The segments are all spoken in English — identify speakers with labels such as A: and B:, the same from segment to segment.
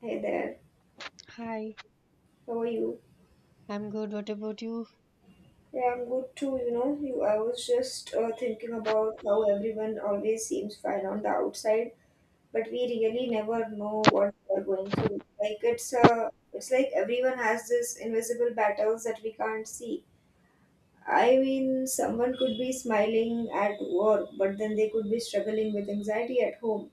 A: Hey there,
B: Hi,
A: how are you?
B: I'm good. What about you?
A: Yeah, I'm good too, you know. You, I was just thinking about how everyone always seems fine on the outside, but we really never know what they're going through. Like it's like everyone has this invisible battles that we can't see. I mean, someone could be smiling at work, but then they could be struggling with anxiety at home,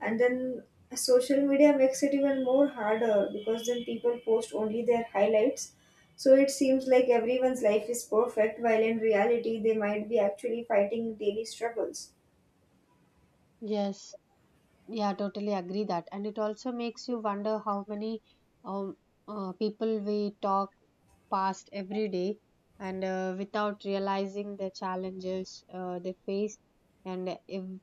A: and then social media makes it even more harder because then people post only their highlights, so it seems like everyone's life is perfect while in reality they might be actually fighting daily struggles.
B: Yes, yeah, totally agree that. And it also makes you wonder how many um people we talk past every day, and without realizing the challenges they face. And ev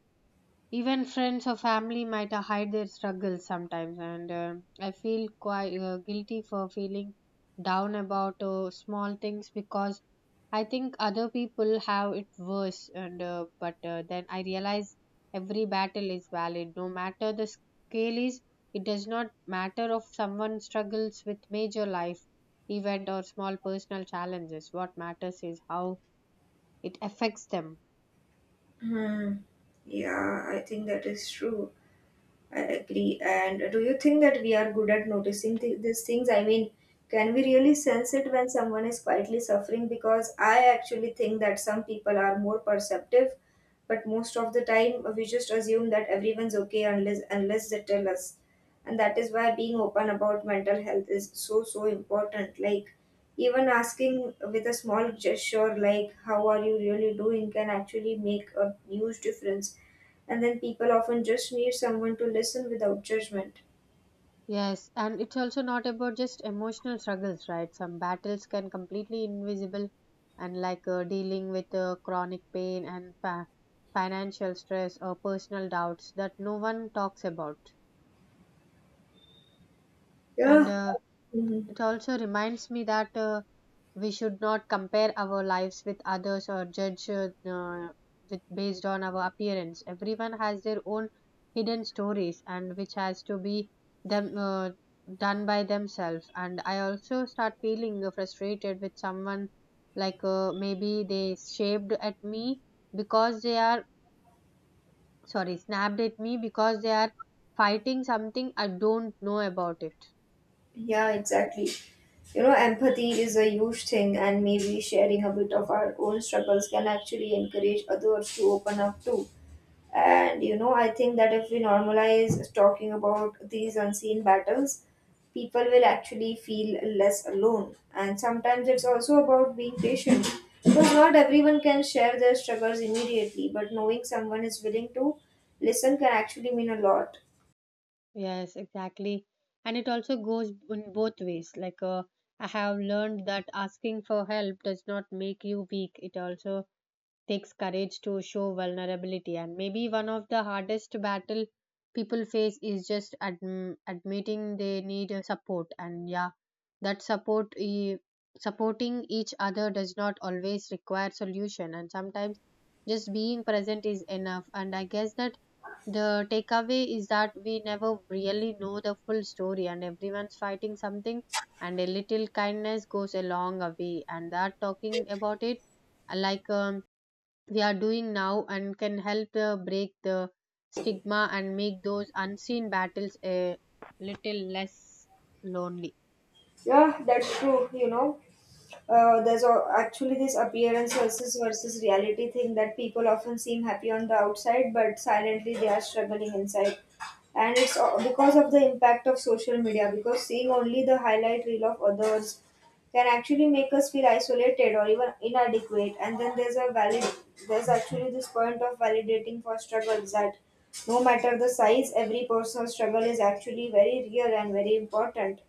B: even friends or family might hide their struggles sometimes. And I feel quite guilty for feeling down about small things, because I think other people have it worse. And but then I realize every battle is valid, no matter the scale is. It does not matter if someone struggles with major life event or small personal challenges. What matters is how it affects them.
A: Hmm. Yeah, I think that is true. I agree. And do you think that we are good at noticing these things? I mean, can we really sense it when someone is quietly suffering? Because I actually think that some people are more perceptive, but most of the time we just assume that everyone's okay unless they tell us. And that is why being open about mental health is so so important. Like, even asking with a small gesture sure, like, "How are you really doing?" can actually make a huge difference. And then people often just need someone to listen without judgment.
B: Yes, and it's also not about just emotional struggles, right? Some battles can completely invisible, and like dealing with chronic pain and financial stress or personal doubts that no one talks about. And
A: Yeah. Hmm.
B: it also reminds me that we should not compare our lives with others or judge with based on our appearance. Everyone has their own hidden stories, and which has to be them done by themselves. And I also start feeling frustrated with someone, like maybe they shaped at me because they are, sorry, snapped at me because they are fighting something I don't know about it.
A: Yeah, exactly. You know, empathy is a huge thing, and maybe sharing a bit of our own struggles can actually encourage others to open up too. And you know, I think that if we normalize talking about these unseen battles, people will actually feel less alone. And sometimes it's also about being patient because not everyone can share their struggles immediately, but knowing someone is willing to listen can actually mean a lot.
B: Yes, exactly. And it also goes in both ways. Like, I have learned that asking for help does not make you weak. It also takes courage to show vulnerability, and maybe one of the hardest battle people face is just admitting they need support. And yeah, that support supporting each other does not always require solution, and sometimes just being present is enough. And I guess that the takeaway is that we never really know the full story, and everyone's fighting something, and a little kindness goes a long way, and that talking about it, uh, like um, we are doing now, and can help break the stigma and make those unseen battles a little less lonely.
A: Yeah, that's true, you know. There's a, actually this appearance versus reality thing that people often seem happy on the outside but silently they are struggling inside, and it's because of the impact of social media, because seeing only the highlight reel of others can actually make us feel isolated or even inadequate. And then there's a valid, there's actually this point of validating for struggles that no matter the size, every personal struggle is actually very real and very important.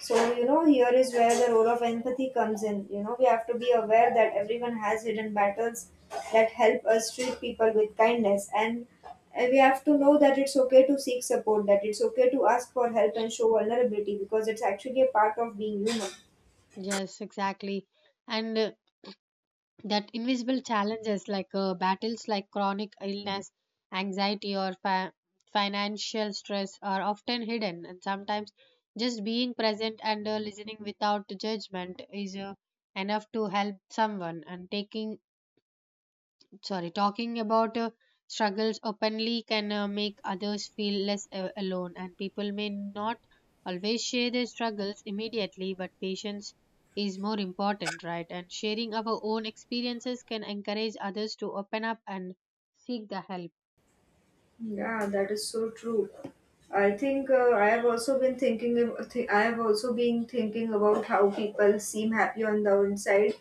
A: So, you know, here is where the role of empathy comes in. You know, we have to be aware that everyone has hidden battles that help us treat people with kindness. And we have to know that it's okay to seek support, that it's okay to ask for help and show vulnerability because it's actually a part of being human.
B: Yes, exactly. And that invisible challenges, like battles like chronic illness, anxiety, or financial stress are often hidden. And sometimes just being present and listening without judgment is enough to help someone. And taking, sorry, talking about struggles openly can make others feel less alone, and people may not always share their struggles immediately, but patience is more important, right? And sharing our own experiences can encourage others to open up and seek the help.
A: Yeah, that is so true. I think I have also been thinking. I have also been thinking about how people seem happy on the inside,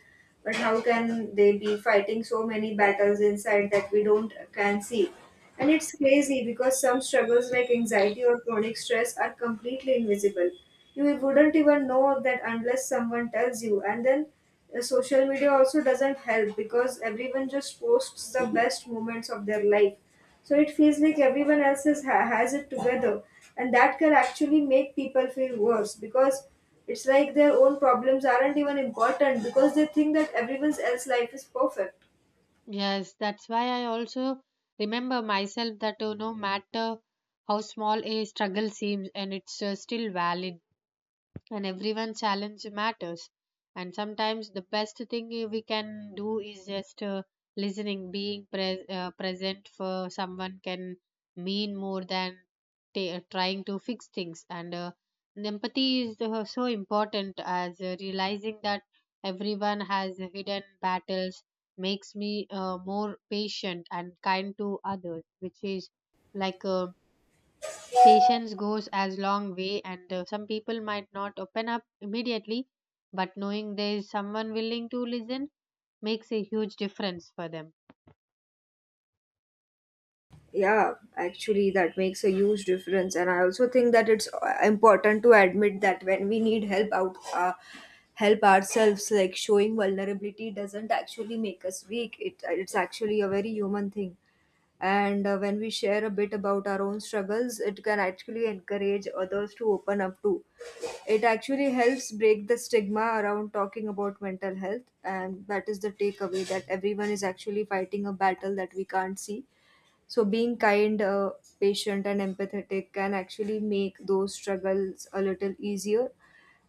A: but how can they be fighting so many battles inside that we don't can see? And it's crazy because some struggles like anxiety or chronic stress are completely invisible. You wouldn't even know that unless someone tells you. And then social media also doesn't help because everyone just posts the best moments of their life, so it feels like everyone else is, has it together, and that can actually make people feel worse because it's like their own problems aren't even important because they think that everyone's else life is perfect.
B: Yes, that's why I also remember myself that no matter how small a struggle seems, and it's still valid, and everyone's challenge matters. And sometimes the best thing we can do is just listening. Being present for someone can mean more than ta trying to fix things. And empathy is so important, as realizing that everyone has hidden battles makes me more patient and kind to others, which is like patience goes as long way, and some people might not open up immediately, but knowing there is someone willing to listen makes a huge difference for them.
A: Yeah, actually, that makes a huge difference. And I also think that it's important to admit that when we need help out, help ourselves, like showing vulnerability doesn't actually make us weak. It's actually a very human thing. And when we share a bit about our own struggles, it can actually encourage others to open up too. It actually helps break the stigma around talking about mental health. And that is the takeaway that everyone is actually fighting a battle that we can't see, so being kind, patient, and empathetic can actually make those struggles a little easier.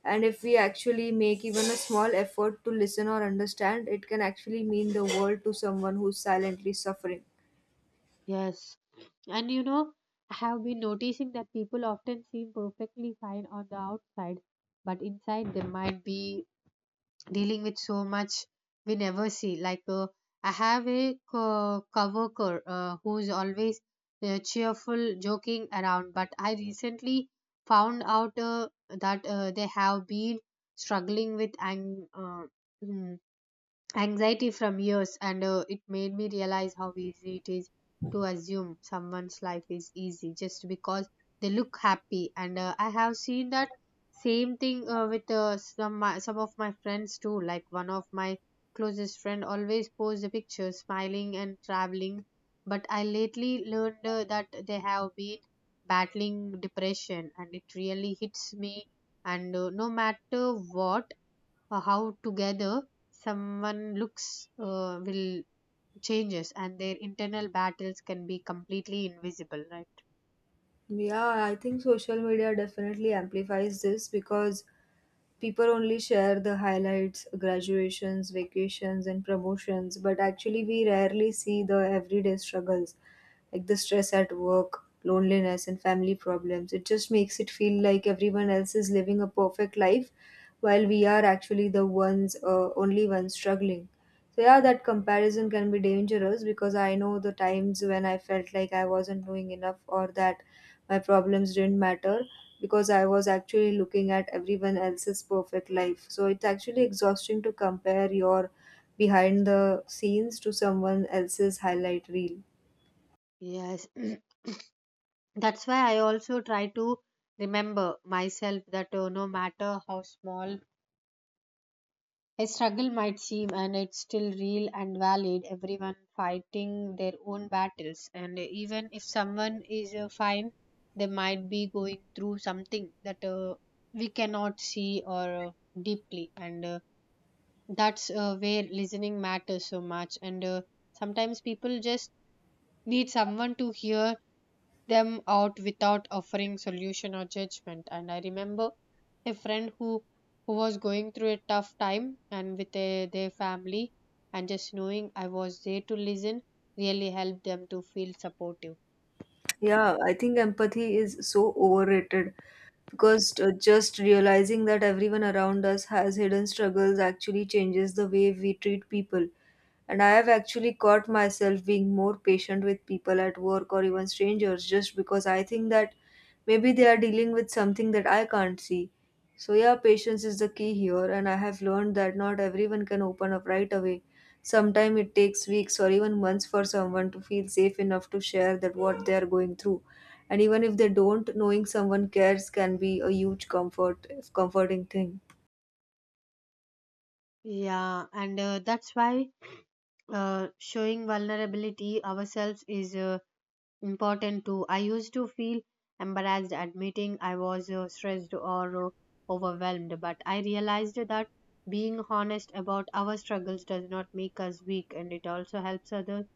A: And if we actually make even a small effort to listen or understand, it can actually mean the world to someone who's silently suffering.
B: Yes. And you know, I have been noticing that people often seem perfectly fine on the outside, but inside they might be dealing with so much we never see. Like I have a coworker who is always cheerful, joking around, but I recently found out that they have been struggling with mm, anxiety from years, and it made me realize how easy it is to assume someone's life is easy just because they look happy. And I have seen that same thing with some my, some of my friends too, like one of my closest friend always posts a picture smiling and traveling, but I lately learned that they have been battling depression, and it really hits me. And no matter what how together someone looks, will changes, and their internal battles can be completely invisible, right?
A: Yeah, I think social media definitely amplifies this because people only share the highlights, graduations, vacations, and promotions, but actually, we rarely see the everyday struggles like the stress at work, loneliness, and family problems. It just makes it feel like everyone else is living a perfect life while we are actually the ones, only ones struggling. So, yeah, that comparison can be dangerous because I know the times when I felt like I wasn't doing enough or that my problems didn't matter because I was actually looking at everyone else's perfect life. So, it's actually exhausting to compare your behind the scenes to someone else's highlight reel.
B: Yes. That's why I also try to remember myself that no matter how small a struggle might seem, and it's still real and valid. Everyone fighting their own battles, and even if someone is fine, they might be going through something that we cannot see, or deeply. And that's where listening matters so much. And sometimes people just need someone to hear them out without offering solution or judgment. And I remember a friend who was going through a tough time and with their family, and just knowing I was there to listen really helped them to feel supportive.
A: Yeah, I think empathy is so overrated because just realizing that everyone around us has hidden struggles actually changes the way we treat people. And I have actually caught myself being more patient with people at work or even strangers just because I think that maybe they are dealing with something that I can't see. So, yeah, patience is the key here, and I have learned that not everyone can open up right away. Sometimes it takes weeks or even months for someone to feel safe enough to share that what they are going through. And even if they don't, knowing someone cares can be a huge comfort, comforting thing.
B: Yeah, and that's why showing vulnerability ourselves is important too. I used to feel embarrassed admitting I was stressed or overwhelmed, but I realized that being honest about our struggles does not make us weak, and it also helps others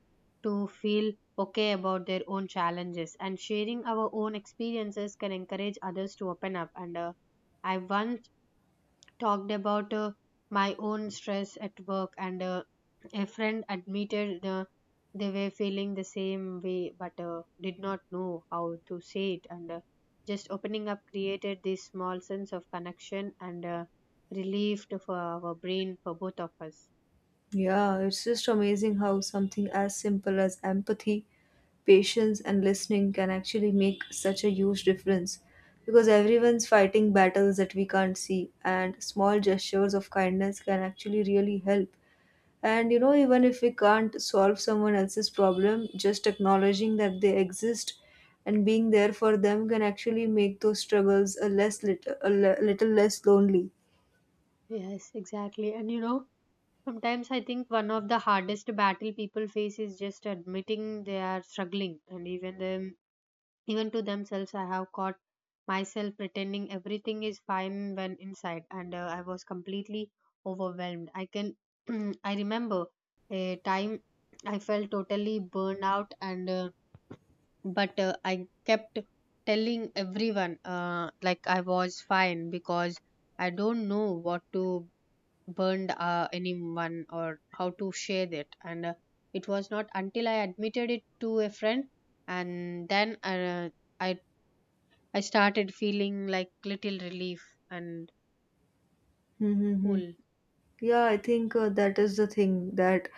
B: to feel okay about their own challenges. And sharing our own experiences can encourage others to open up. And I once talked about my own stress at work, and a friend admitted they were feeling the same way but did not know how to say it. And just opening up created this small sense of connection and relief for our brain for both of us.
A: Yeah, it's just amazing how something as simple as empathy, patience, and listening can actually make such a huge difference because everyone's fighting battles that we can't see, and small gestures of kindness can actually really help. And you know, even if we can't solve someone else's problem, just acknowledging that they exist and being there for them can actually make those struggles a less little, a little less lonely.
B: Yes, exactly. And you know, sometimes I think one of the hardest battle people face is just admitting they are struggling, and even to themselves. I have caught myself pretending everything is fine when inside, and I was completely overwhelmed. I remember a time I felt totally burned out, and but I kept telling everyone like I was fine because I don't know what to burn anyone or how to share that, and it was not until I admitted it to a friend, and then I I started feeling like little relief and
A: Mm-hmm.
B: cool.
A: Yeah, I think that is the thing that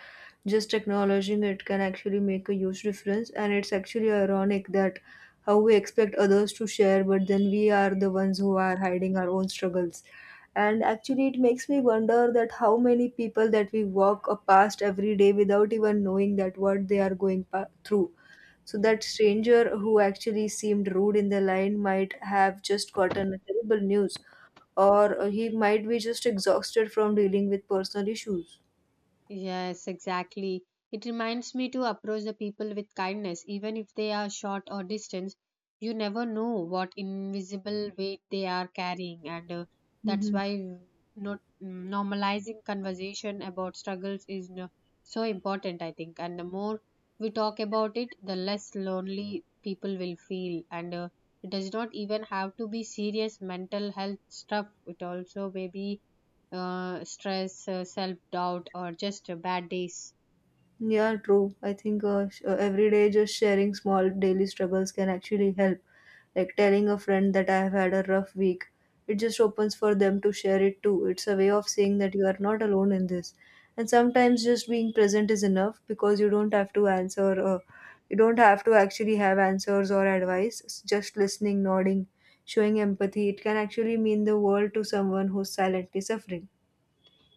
A: just acknowledging it can actually make a huge difference. And it's actually ironic that how we expect others to share, but then we are the ones who are hiding our own struggles. And actually, it makes me wonder that how many people that we walk past every day without even knowing that what they are going through, so that stranger who actually seemed rude in the line might have just gotten a terrible news, or he might be just exhausted from dealing with personal issues.
B: Yes, exactly. It reminds me to approach the people with kindness, even if they are short or distant. You never know what invisible weight they are carrying, and that's
A: Mhm.
B: why not normalizing conversation about struggles is no, so important, I think. And the more we talk about it, the less lonely people will feel. And it does not even have to be serious mental health stuff. It also may be stress, self doubt, or just bad days.
A: Yeah, true. I think every day just sharing small daily struggles can actually help. Like telling a friend that I have had a rough week, it just opens for them to share it too. It's a way of saying that you are not alone in this. And sometimes just being present is enough because you don't have to answer, you don't have to actually have answers or advice. Just listening, nodding, showing empathy, it can actually mean the world to someone who's silently suffering.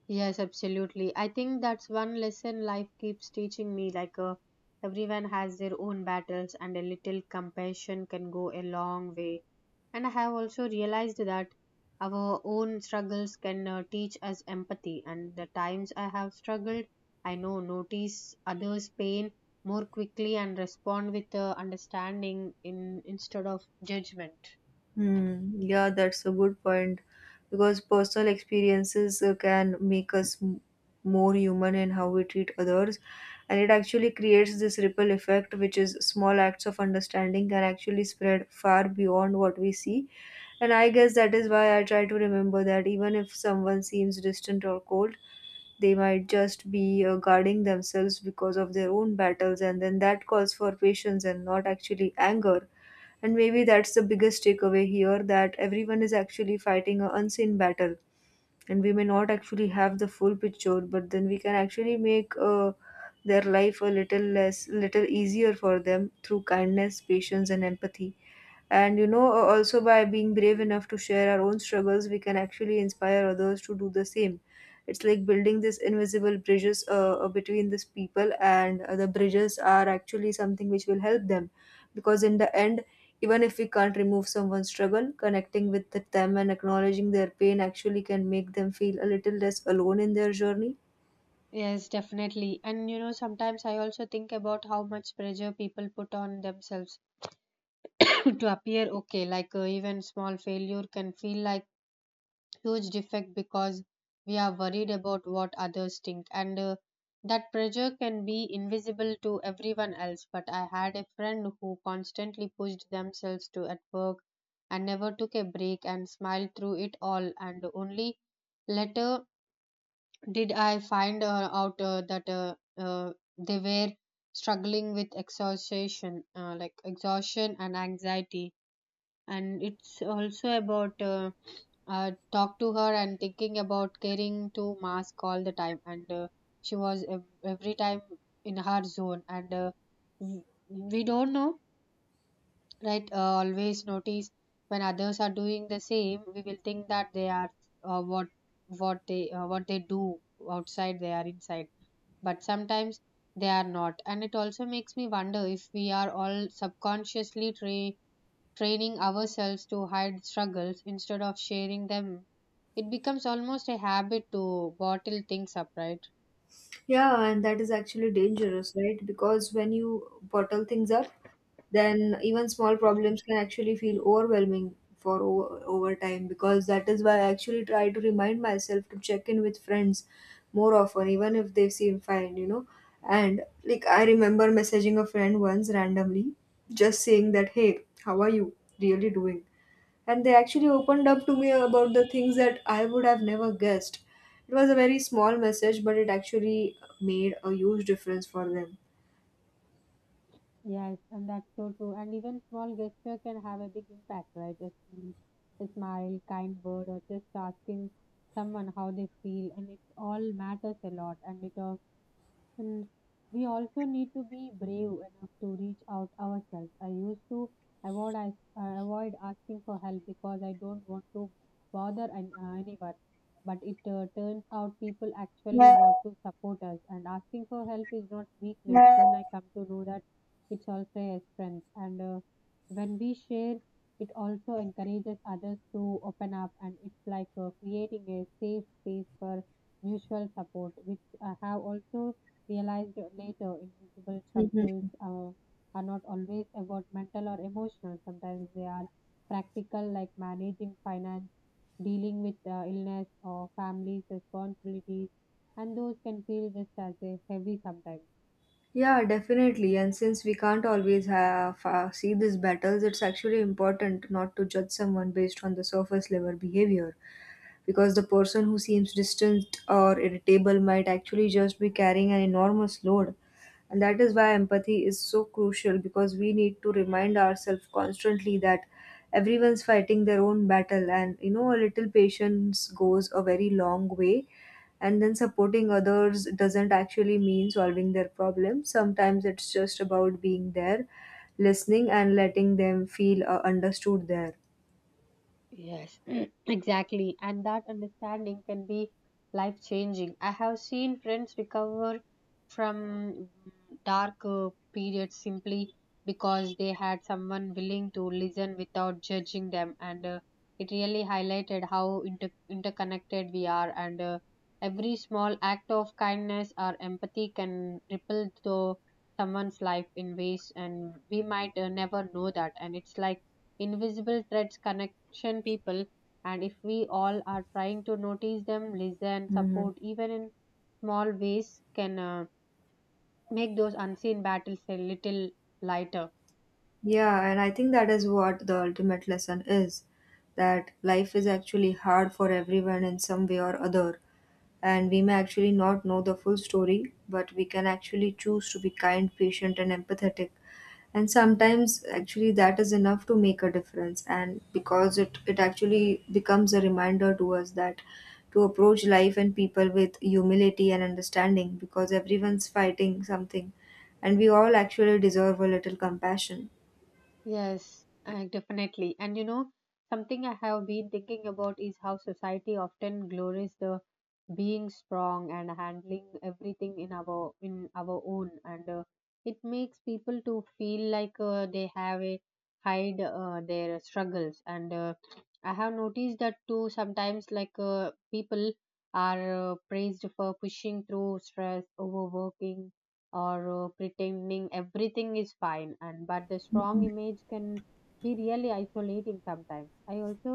B: Yes, absolutely. I think that's one lesson life keeps teaching me. Like, everyone has their own battles, and a little compassion can go a long way. And I have also realized that our own struggles can teach us empathy. And the times I have struggled, I know notice others' pain more quickly and respond with understanding in instead of judgment.
A: Hmm. Yeah, that's a good point because personal experiences can make us more human in how we treat others, and it actually creates this ripple effect, which is small acts of understanding can actually spread far beyond what we see. And I guess that is why I try to remember that even if someone seems distant or cold, they might just be guarding themselves because of their own battles, and then that calls for patience and not actually anger. And maybe that's the biggest takeaway here that everyone is actually fighting an unseen battle, and we may not actually have the full picture, but then we can actually make their life a little less, little easier for them through kindness, patience, and empathy. And you know, also by being brave enough to share our own struggles, we can actually inspire others to do the same. It's like building this invisible bridges between these people, and the bridges are actually something which will help them. Because in the end, even if we can't remove someone's struggle, connecting with them and acknowledging their pain actually can make them feel a little less alone in their journey.
B: Yes, definitely. And you know, sometimes I also think about how much pressure people put on themselves to appear okay. Like even small failure can feel like huge defect because we are worried about what others think, and that pressure can be invisible to everyone else. But I had a friend who constantly pushed themselves to at work and never took a break and smiled through it all, and only later did I find out that they were struggling with exhaustion, like exhaustion and anxiety. And it's also about talk to her and thinking about carrying to mask all the time. And she was every time in her zone. And w- we don't know, right? Always notice when others are doing the same, we will think that they are what what they do outside they are inside, but sometimes they are not. And it also makes me wonder if we are all subconsciously training ourselves to hide struggles instead of sharing them. It becomes almost a habit to bottle things up, right?
A: Yeah, and that is actually dangerous, right? Because when you bottle things up, then even small problems can actually feel overwhelming for over time, because that is why I actually try to remind myself to check in with friends more often even if they seem fine, you know. And like, I remember messaging a friend once randomly, just saying that, "Hey, how are you really doing?" And they actually opened up to me about the things that I would have never guessed. It was a very small message, but it actually made a huge difference for them.
B: Yes, and that's so true. And even small gesture can have a big impact, right? Just a smile, kind word, or just asking someone how they feel, and it all matters a lot. And it all and we also need to be brave enough to reach out ourselves. I used to avoid asking for help because I don't want to bother anyone. But it turns out people actually want to support us, and asking for help is not weakness. Then I come to know that it's also a strength. And when we share, it also encourages others to open up, and it's like creating a safe space for mutual support, which I have also realized later invisible
A: Mhm.
B: struggles are not always about mental or emotional. Sometimes they are practical, like managing finance, dealing with illness or family's responsibilities, and those can feel just as a heavy sometimes.
A: Yeah, definitely. And since we can't always have see these battles, it's actually important not to judge someone based on the surface level behavior, because the person who seems distant or irritable might actually just be carrying an enormous load. And that is why empathy is so crucial because we need to remind ourselves constantly that everyone's fighting their own battle, and a little patience goes a very long way. And then supporting others doesn't actually mean solving their problems. Sometimes it's just about being there, listening, and letting them feel understood there.
B: Yes, exactly. And that understanding can be life changing. I have seen friends recover from dark periods simply because they had someone willing to listen without judging them. And it really highlighted how interconnected we are. And every small act of kindness or empathy can ripple through someone's life in ways, and we might never know that. And it's like invisible threads connecting people, and if we all are trying to notice them, listen,
A: Hmm.
B: support, even in small ways can make those unseen battles a little lighter.
A: Yeah, and I think that is what the ultimate lesson is, that life is actually hard for everyone in some way or other. And we may actually not know the full story, but we can actually choose to be kind, patient, and empathetic. And sometimes, actually, that is enough to make a difference. And because it actually becomes a reminder to us that to approach life and people with humility and understanding, because everyone's fighting something and we all actually deserve a little compassion.
B: Yes, definitely. And you know, something I have been thinking about is how society often glories the being strong and handling everything in our own. And it makes people to feel like they have a hide their struggles. And I have noticed that too sometimes. Like people are praised for pushing through stress, overworking, or pretending everything is fine. And but the strong image can be really isolating sometimes. I also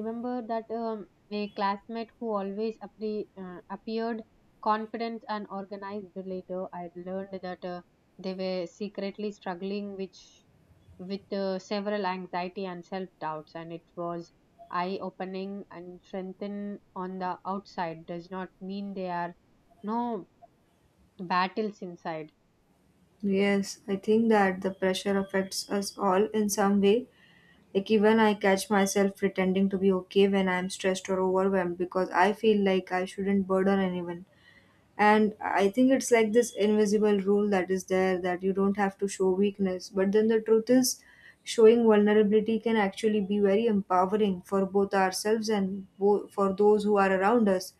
B: remember that a classmate who always appeared confident and organized. Later, I learned that they were secretly struggling, which, with several anxiety and self doubts, and it was eye opening. And strengthen on the outside does not mean there are no battles inside.
A: Yes, I think that the pressure affects us all in some way. Like even I catch myself pretending to be okay when I'm stressed or overwhelmed because I feel like I shouldn't burden anyone. And I think it's like this invisible rule that is there, that you don't have to show weakness. But then the truth is, showing vulnerability can actually be very empowering for both ourselves and for those who are around us.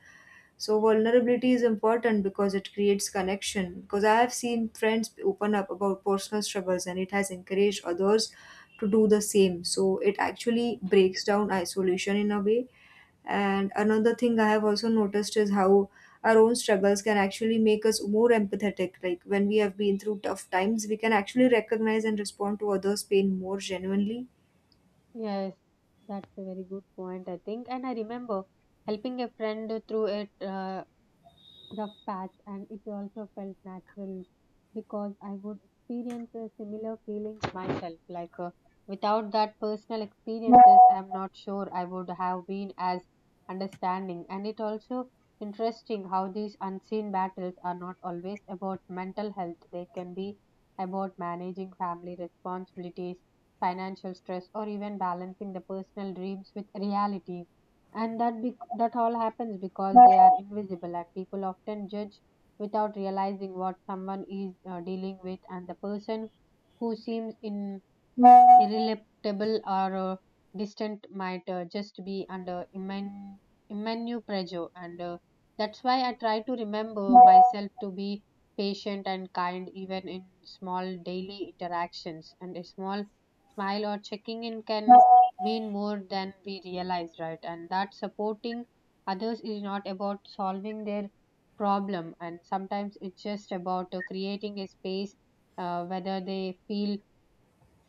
A: So vulnerability is important because it creates connection. Because I have seen friends open up about personal struggles and it has encouraged others to do the same. So it actually breaks down isolation in a way. And another thing I have also noticed is how our own struggles can actually make us more empathetic. Like when we have been through tough times, we can actually recognize and respond to others' pain more genuinely.
B: Yes, that's a very good point, I think. And I remember helping a friend through a rough patch, and it also felt natural because I would experience a similar feelings myself. Like without that personal experiences, I'm not sure I would have been as understanding. And it also interesting how these unseen battles are not always about mental health. They can be about managing family responsibilities, financial stress, or even balancing the personal dreams with reality. And that all happens because they are invisible, and people often judge without realizing what someone is dealing with. And the person who seems in irrelatable or distant might just be under immense pressure. And that's why I try to remember myself to be patient and kind, even in small daily interactions. And a small smile or checking in can mean more than we realize, right? And that supporting others is not about solving their problem, and sometimes it's just about creating a space whether they feel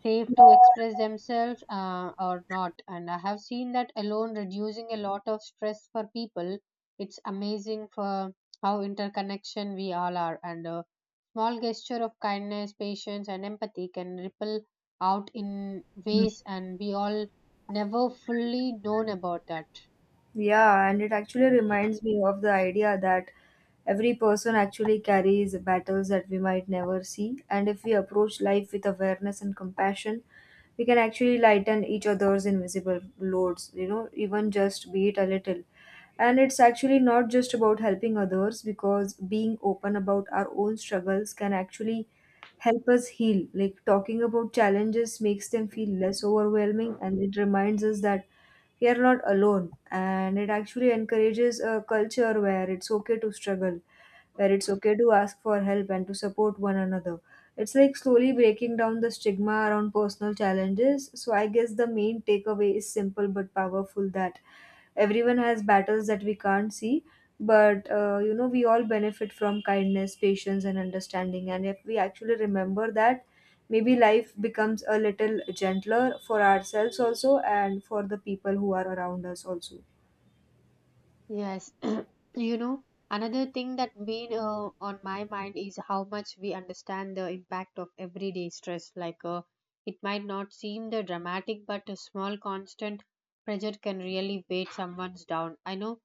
B: safe to express themselves or not. And I have seen that alone reducing a lot of stress for people. It's amazing for how interconnection we all are, and a small gesture of kindness, patience, and empathy can ripple out in ways, and we all never fully known about that.
A: Yeah, and it actually reminds me of the idea that every person actually carries battles that we might never see. And if we approach life with awareness and compassion, we can actually lighten each other's invisible loads, you know, even just be it a little. And it's actually not just about helping others, because being open about our own struggles can actually help us heal. Like talking about challenges makes them feel less overwhelming, and it reminds us that we are not alone, and it actually encourages a culture where it's okay to struggle, where it's okay to ask for help and to support one another. It's like slowly breaking down the stigma around personal challenges. So I guess the main takeaway is simple but powerful, that everyone has battles that we can't see, but you know, we all benefit from kindness, patience, and understanding. And if we actually remember that, maybe life becomes a little gentler for ourselves also and for the people who are around us also.
B: Yes, you know, another thing that been on my mind is how much we understand the impact of everyday stress. Like, it might not seem the dramatic, but a small constant pressure can really weight someone's down. I know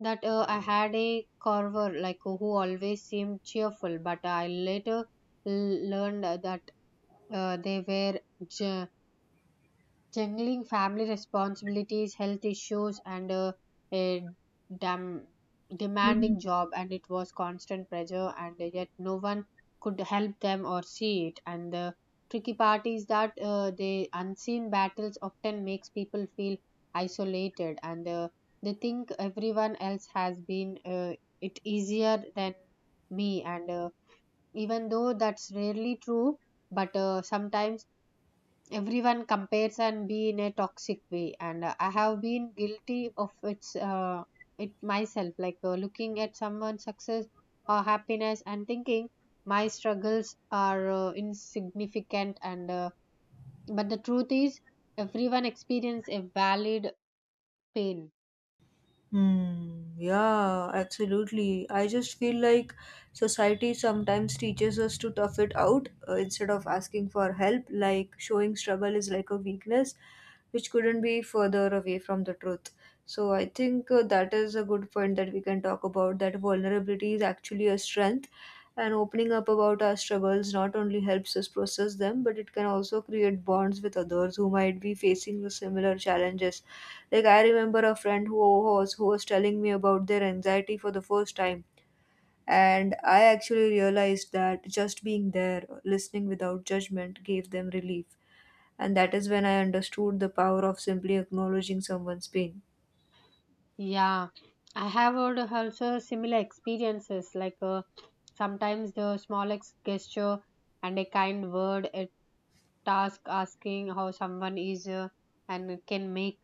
B: that I had a carver, like who always seemed cheerful, but I later learned that they were jungling family responsibilities, health issues, and a dam- demanding
A: Mhm.
B: job, and it was constant pressure, and yet no one could help them or see it. And the tricky part is that the unseen battles often makes people feel isolated, and they think everyone else has been it easier than me. And even though that's rarely true, but sometimes everyone compares and be in a toxic way. And I have been guilty of its it myself. Like looking at someone's success or happiness and thinking my struggles are insignificant. And but the truth is, everyone experience a valid pain.
A: Hmm, yeah, absolutely. I just feel like society sometimes teaches us to tough it out instead of asking for help, like showing struggle is like a weakness, which couldn't be further away from the truth. So I think that is a good point, that we can talk about that vulnerability is actually a strength, and opening up about our struggles not only helps us process them, but it can also create bonds with others who might be facing the similar challenges. Like I remember a friend who was telling me about their anxiety for the first time, and I actually realized that just being there, listening without judgment, gave them relief. And that is when I understood the power of simply acknowledging someone's pain.
B: Yeah, I have heard also similar experiences. Like sometimes the smallest gesture and a kind word, a task asking how someone is, and it can make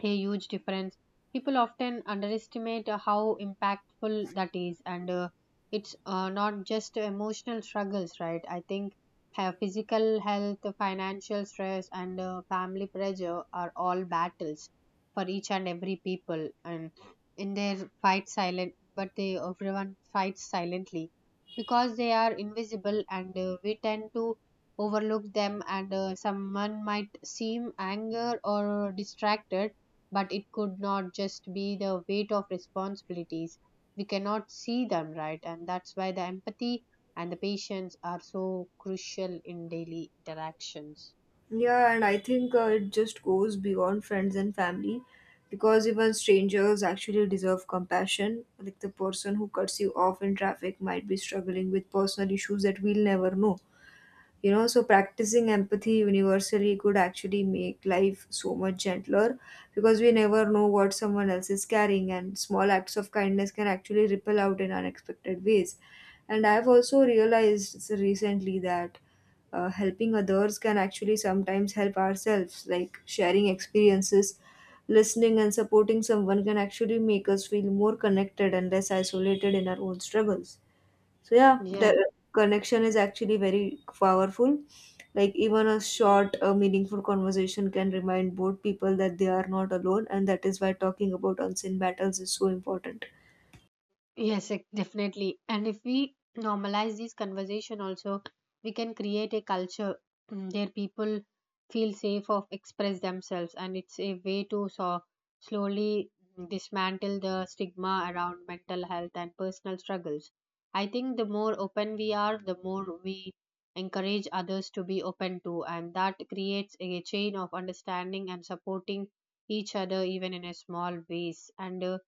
B: a huge difference. People often underestimate how impactful that is. And it's not just emotional struggles, right? I think physical health, financial stress, and family pressure are all battles for each and every people, and in their fight silent, but they everyone fights silently because they are invisible. And we tend to overlook them. And someone might seem anger or distracted, but it could not just be the weight of responsibilities. We cannot see them, right? And that's why the empathy and the patience are so crucial in daily interactions.
A: Yeah, and I think it just goes beyond friends and family, because even strangers actually deserve compassion. Like the person who cuts you off in traffic might be struggling with personal issues that we'll never know. You know, so practicing empathy universally could actually make life so much gentler, because we never know what someone else is carrying, and small acts of kindness can actually ripple out in unexpected ways. And I've also realized recently that helping others can actually sometimes help ourselves, like sharing experiences, listening, and supporting someone can actually make us feel more connected and less isolated in our own struggles. So yeah, the
B: Yes.
A: connection is actually very powerful. Like even a short, meaningful conversation can remind both people that they are not alone, and that is why talking about unseen battles is so important.
B: Yes, definitely. And if we normalize this conversation also, we can create a culture, where people feel safe of express themselves. And it's a way to so slowly, dismantle the stigma around mental health and personal struggles. I think the more open we are, the more we encourage others to be open to, and that creates a chain of understanding and supporting each other, even in a small ways. And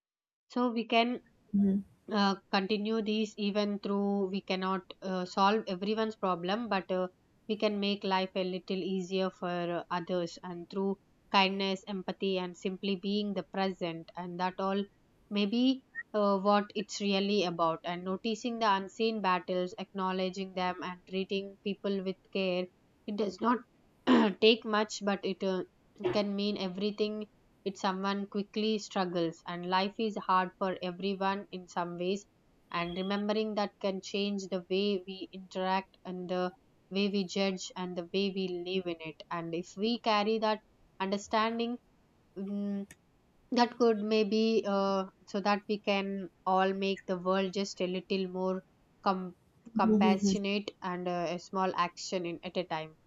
B: so we can
A: Mhm.
B: continue these even through we cannot solve everyone's problem, but we can make life a little easier for others, and through kindness, empathy, and simply being the present. And that all may be what it's really about. And noticing the unseen battles, acknowledging them, and treating people with care, it does not take much, but it can mean everything if someone quickly struggles. And life is hard for everyone in some ways, and remembering that can change the way we interact, and the way we judge, and the way we live in it. And if we carry that understanding, mm, that could maybe so that we can all make the world just a little more com-
A: Mhm.
B: compassionate, and a small action at a time.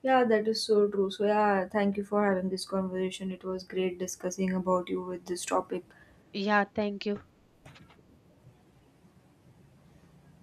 A: Yeah, that is so true. So yeah, thank you for having this conversation. It was great discussing about you with this topic.
B: Yeah, thank you.